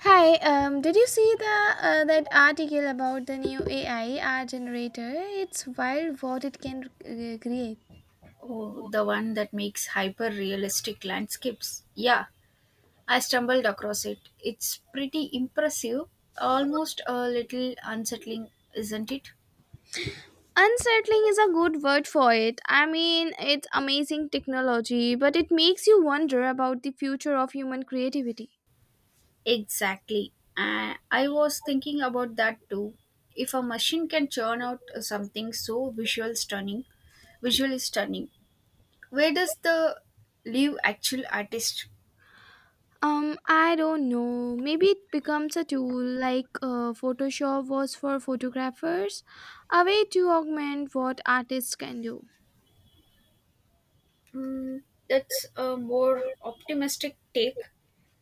Hi, did you see the that article about the new AI art generator? It's wild what it can create. Oh, the one that makes hyper realistic landscapes. Yeah, I stumbled across it. It's pretty impressive, almost a little unsettling, isn't it? Unsettling is a good word for it. I mean, it's amazing technology, but it makes you wonder about the future of human creativity. Exactly. I was thinking about that too. If a machine can churn out something so visual stunning, visually stunning, where does the leave actual artist? I don't know. Maybe it becomes a tool like Photoshop was for photographers, a way to augment what artists can do. Mm, that's a more optimistic take.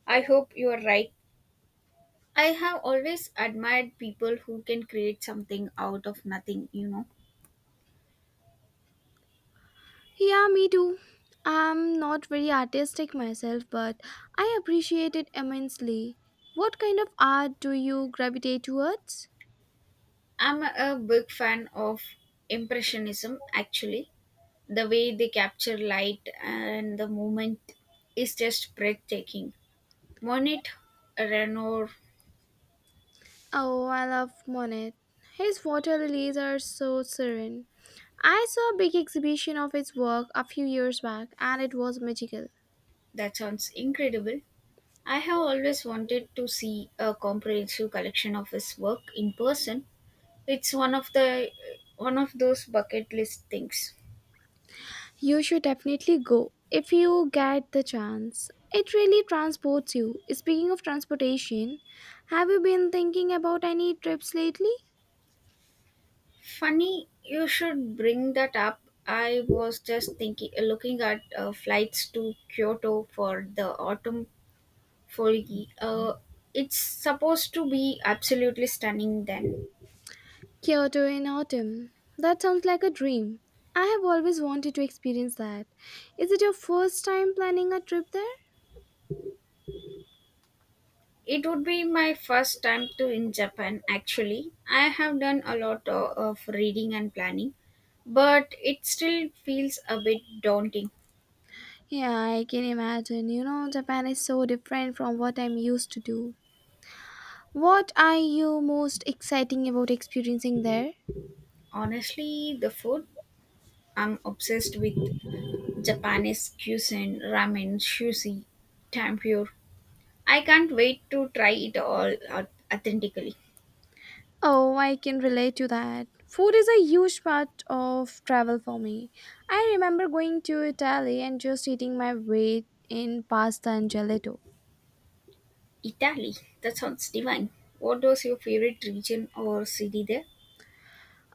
I hope you are right. I have always admired people who can create something out of nothing. Yeah, me too. I'm not very artistic myself, but I appreciate it immensely. What kind of art do you gravitate towards? I'm a big fan of Impressionism, actually. The way they capture light and the movement is just breathtaking. Monet, Renoir, Oh, I love Monet. His water lilies are so serene. I saw a big exhibition of his work a few years back, and it was magical. that sounds incredible. I have always wanted to see a comprehensive collection of his work in person. It's one of those bucket list things. You should definitely go if you get the chance. It really transports you. Speaking of transportation, have you been thinking about any trips lately? Funny, you should bring that up. I was just thinking, looking at flights to Kyoto for the autumn foliage. It's supposed to be absolutely stunning. Then Kyoto in autumn. That sounds like a dream. I have always wanted to experience that. Is it your first time planning a trip there? it would be my first time to in Japan. Actually, I have done a lot of reading and planning, but it still feels a bit daunting. Yeah, I can imagine. You know, Japan is so different from what I'm used to do. What are you most exciting about experiencing there? Honestly, the food. I'm obsessed with Japanese cuisine: ramen, sushi, tempura. I can't wait to try it all out authentically. Oh, I can relate to that. Food is a huge part of travel for me. I remember going to Italy and just eating my weight in pasta and gelato. Italy, that sounds divine. What was your favorite region or city there?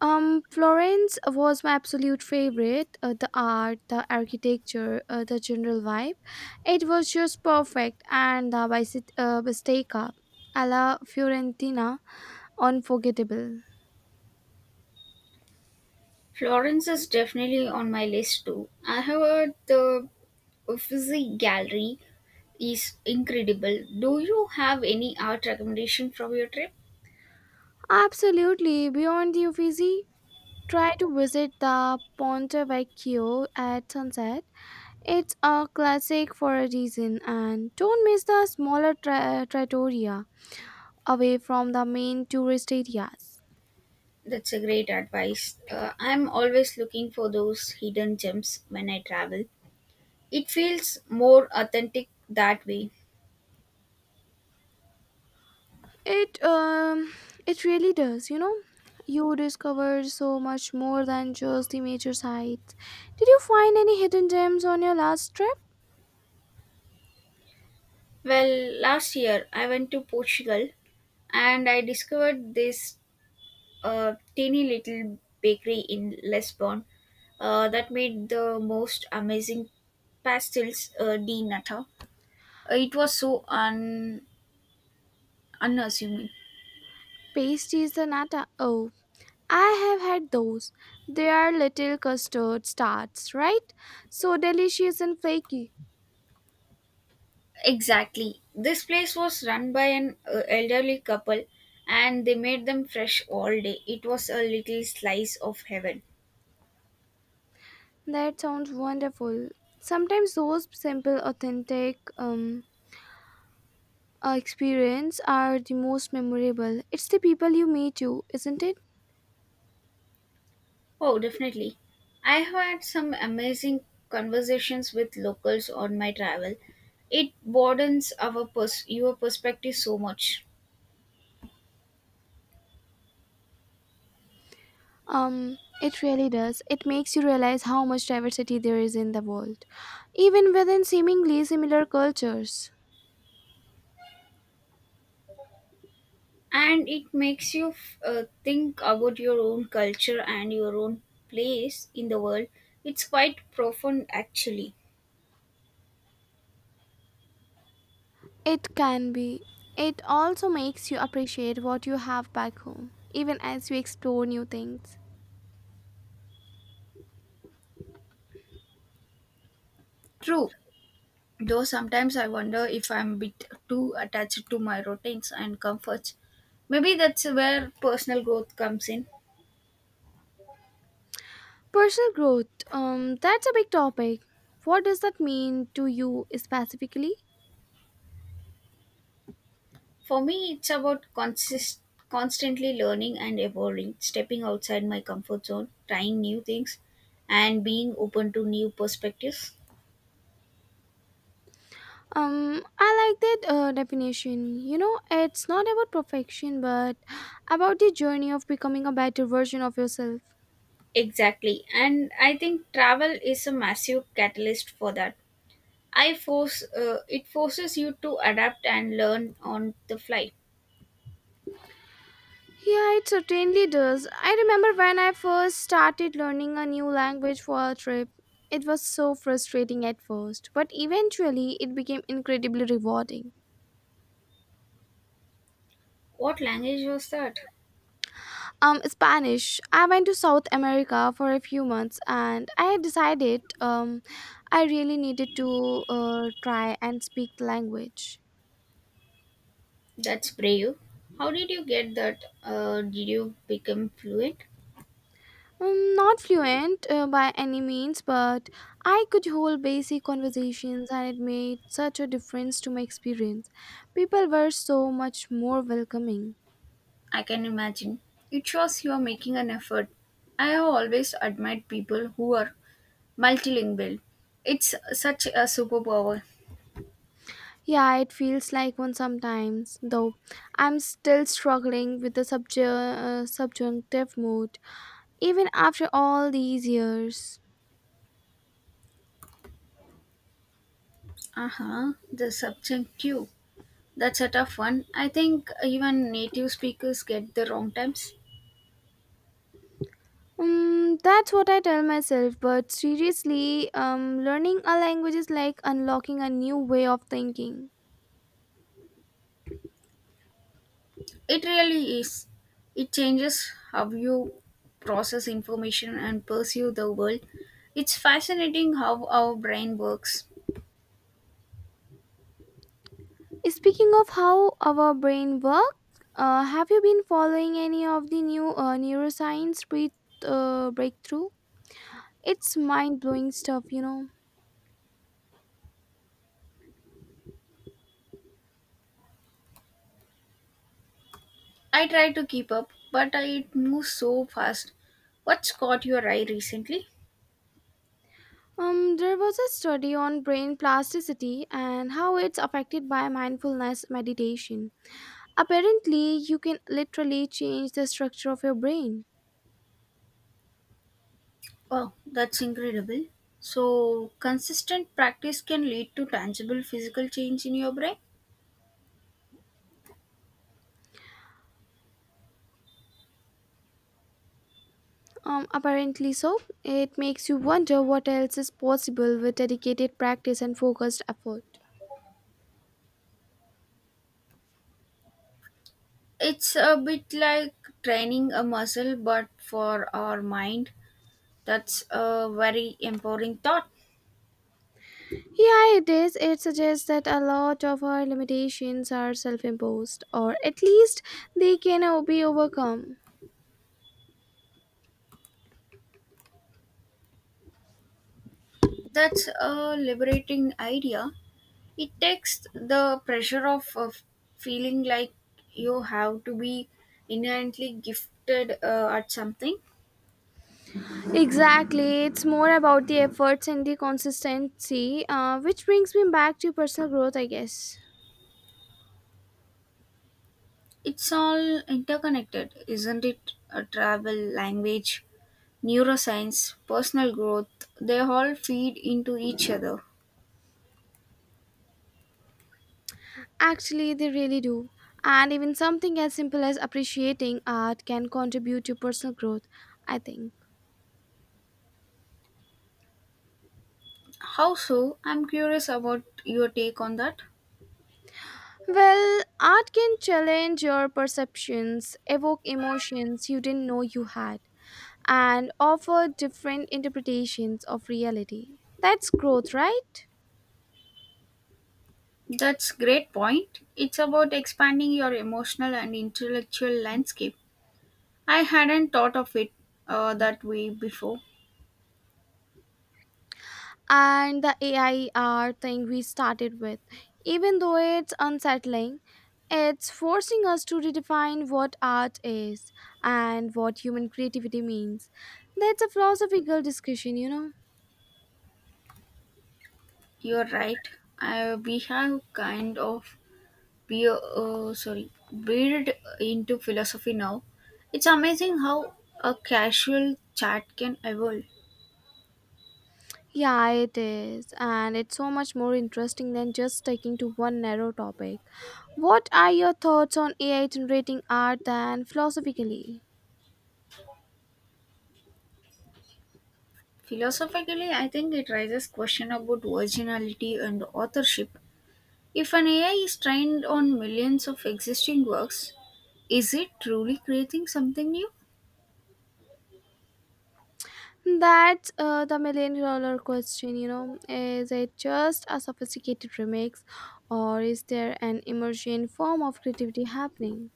Florence was my absolute favorite. The art, the architecture, the general vibe. It was just perfect, and the bicycle bistecca alla Fiorentina, unforgettable. Florence is definitely on my list too. I have heard the Uffizi Gallery is incredible. Do you have any art recommendation from your trip? Absolutely, beyond the Uffizi. Try to visit the Ponte Vecchio at sunset. It's a classic for a reason, and don't miss the smaller trattoria away from the main tourist areas. That's a great advice. I'm always looking for those hidden gems when I travel. It feels more authentic that way. It it really does, you know. You discover so much more than just the major sites. Did you find any hidden gems on your last trip? Well, last year I went to Portugal and I discovered this teeny little bakery in Lisbon that made the most amazing pastels de nata. It was so unassuming. Pasties the nata. Oh, I have had those. They are little custard tarts, right? So delicious and flaky. Exactly. This place was run by an elderly couple and they made them fresh all day. It was a little slice of heaven. That sounds wonderful. Sometimes those simple, authentic experience are the most memorable. It's the people you meet you, isn't it? Oh, definitely. I have had some amazing conversations with locals on my travel. It broadens your perspective so much, It really does. It makes you realize how much diversity there is in the world, even within seemingly similar cultures. and it makes you think about your own culture and your own place in the world. It's quite profound, actually. It can be. It also makes you appreciate what you have back home, even as you explore new things. True, though sometimes I wonder if I'm a bit too attached to my routines and comforts. Maybe that's where personal growth comes in. Personal growth, that's a big topic. What does that mean to you specifically? For me, it's about constantly learning and evolving, stepping outside my comfort zone, trying new things, and being open to new perspectives. I like that definition. You know, it's not about perfection, but about the journey of becoming a better version of yourself. Exactly. And I think travel is a massive catalyst for that. I force it forces you to adapt and learn on the fly. Yeah, it certainly does. I remember when I first started learning a new language for a trip. It was so frustrating at first, but eventually it became incredibly rewarding. What language was that? Spanish. I went to South America for a few months, and I had decided I really needed to try and speak the language. That's brave. How did you get that? Did you become fluent? Mm, not fluent by any means, but I could hold basic conversations, and it made such a difference to my experience. People were so much more welcoming. I can imagine. It shows you are making an effort. I have always admired people who are multilingual. It's such a superpower. Yeah, it feels like one sometimes, though I'm still struggling with the subjunctive mood, even after all these years. Uh huh, the subject too. That's a tough one. I think even native speakers get the wrong times. Mm, that's what I tell myself, but seriously, learning a language is like unlocking a new way of thinking. It really is. It changes how you process information and pursue the world. It's fascinating how our brain works. Speaking of how our brain works, have you been following any of the new neuroscience breakthrough? It's mind blowing stuff. I try to keep up, but it moves so fast. What's caught your eye recently? There was a study on brain plasticity and how it's affected by mindfulness meditation. Apparently, you can literally change the structure of your brain. Wow, that's incredible. So, consistent practice can lead to tangible physical change in your brain. Apparently so. It makes you wonder what else is possible with dedicated practice and focused effort. It's a bit like training a muscle, but for our mind. That's a very empowering thought. Yeah, it is. It suggests that a lot of our limitations are self imposed, or at least they can be overcome. That's a liberating idea. It takes the pressure off of feeling like you have to be inherently gifted at something. Exactly. It's more about the efforts and the consistency, which brings me back to personal growth, I guess. It's all interconnected, isn't it? Travel, language, neuroscience, personal growth, they all feed into each other. Actually, they really do. And even something as simple as appreciating art can contribute to personal growth, I think. How so? I'm curious about your take on that. Well, art can challenge your perceptions, evoke emotions you didn't know you had, and offer different interpretations of reality. That's growth, right? That's great point. It's about expanding your emotional and intellectual landscape. I hadn't thought of it that way before. And the AI art thing we started with, even though it's unsettling, it's forcing us to redefine what art is and what human creativity means. That's a philosophical discussion. You're right. I we have kind of be sorry built into philosophy now. It's amazing how a casual chat can evolve. Yeah, it is. And it's so much more interesting than just sticking to one narrow topic. What are your thoughts on AI generating art and philosophically? Philosophically, I think it raises question about originality and authorship. If an AI is trained on millions of existing works, is it truly creating something new? That's the million dollar question. Is it just a sophisticated remix, or is there an emergent form of creativity happening?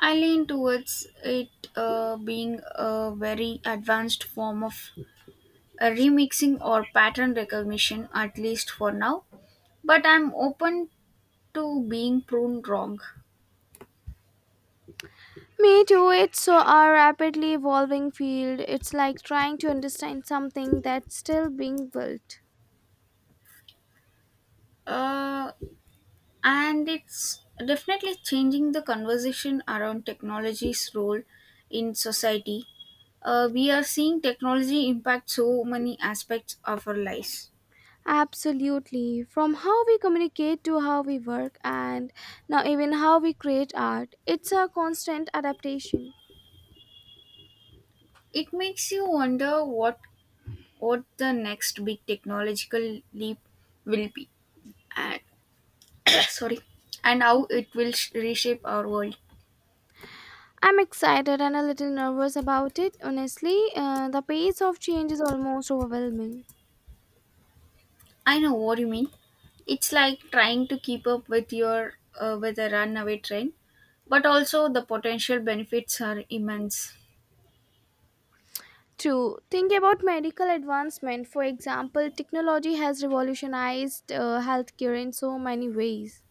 I lean towards it being a very advanced form of a remixing or pattern recognition, at least for now, but I'm open to being pruned wrong. Me too, it's so a rapidly evolving field. It's like trying to understand something that's still being built. uh, and it's definitely changing the conversation around technology's role in society. We are seeing technology impact so many aspects of our lives. Absolutely. From how we communicate to how we work, and now even how we create art, it's a constant adaptation. It makes you wonder what the next big technological leap will be and sorry and how it will reshape our world. I'm excited and a little nervous about it, honestly. The pace of change is almost overwhelming. I know what you mean. It's like trying to keep up with your with a runaway train, but also the potential benefits are immense. True. Think about medical advancement. For example, technology has revolutionized healthcare in so many ways.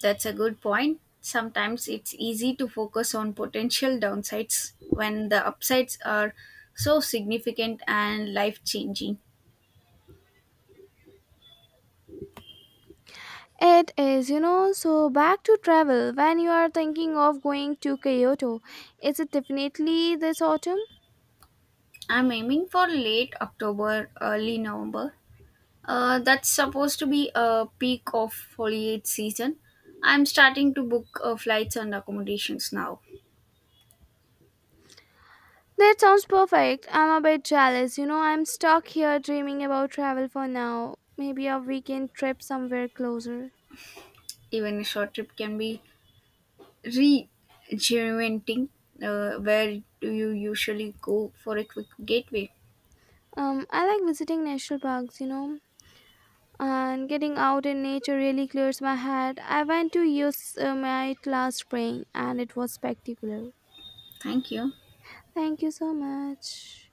That's a good point. Sometimes it's easy to focus on potential downsides when the upsides are so significant and life-changing. It is, so back to travel. When you are thinking of going to Kyoto, is it definitely this autumn? I'm aiming for late October, early November. That's supposed to be a peak of foliage season. I'm starting to book flights and accommodations now. That sounds perfect. I'm a bit jealous. You know, I'm stuck here dreaming about travel for now. Maybe a weekend trip somewhere closer. Even a short trip can be rejuvenating. Where do you usually go for a quick gateway? I like visiting national parks. And getting out in nature really clears my head. I went to use my last spring and it was spectacular. Thank you. Thank you so much.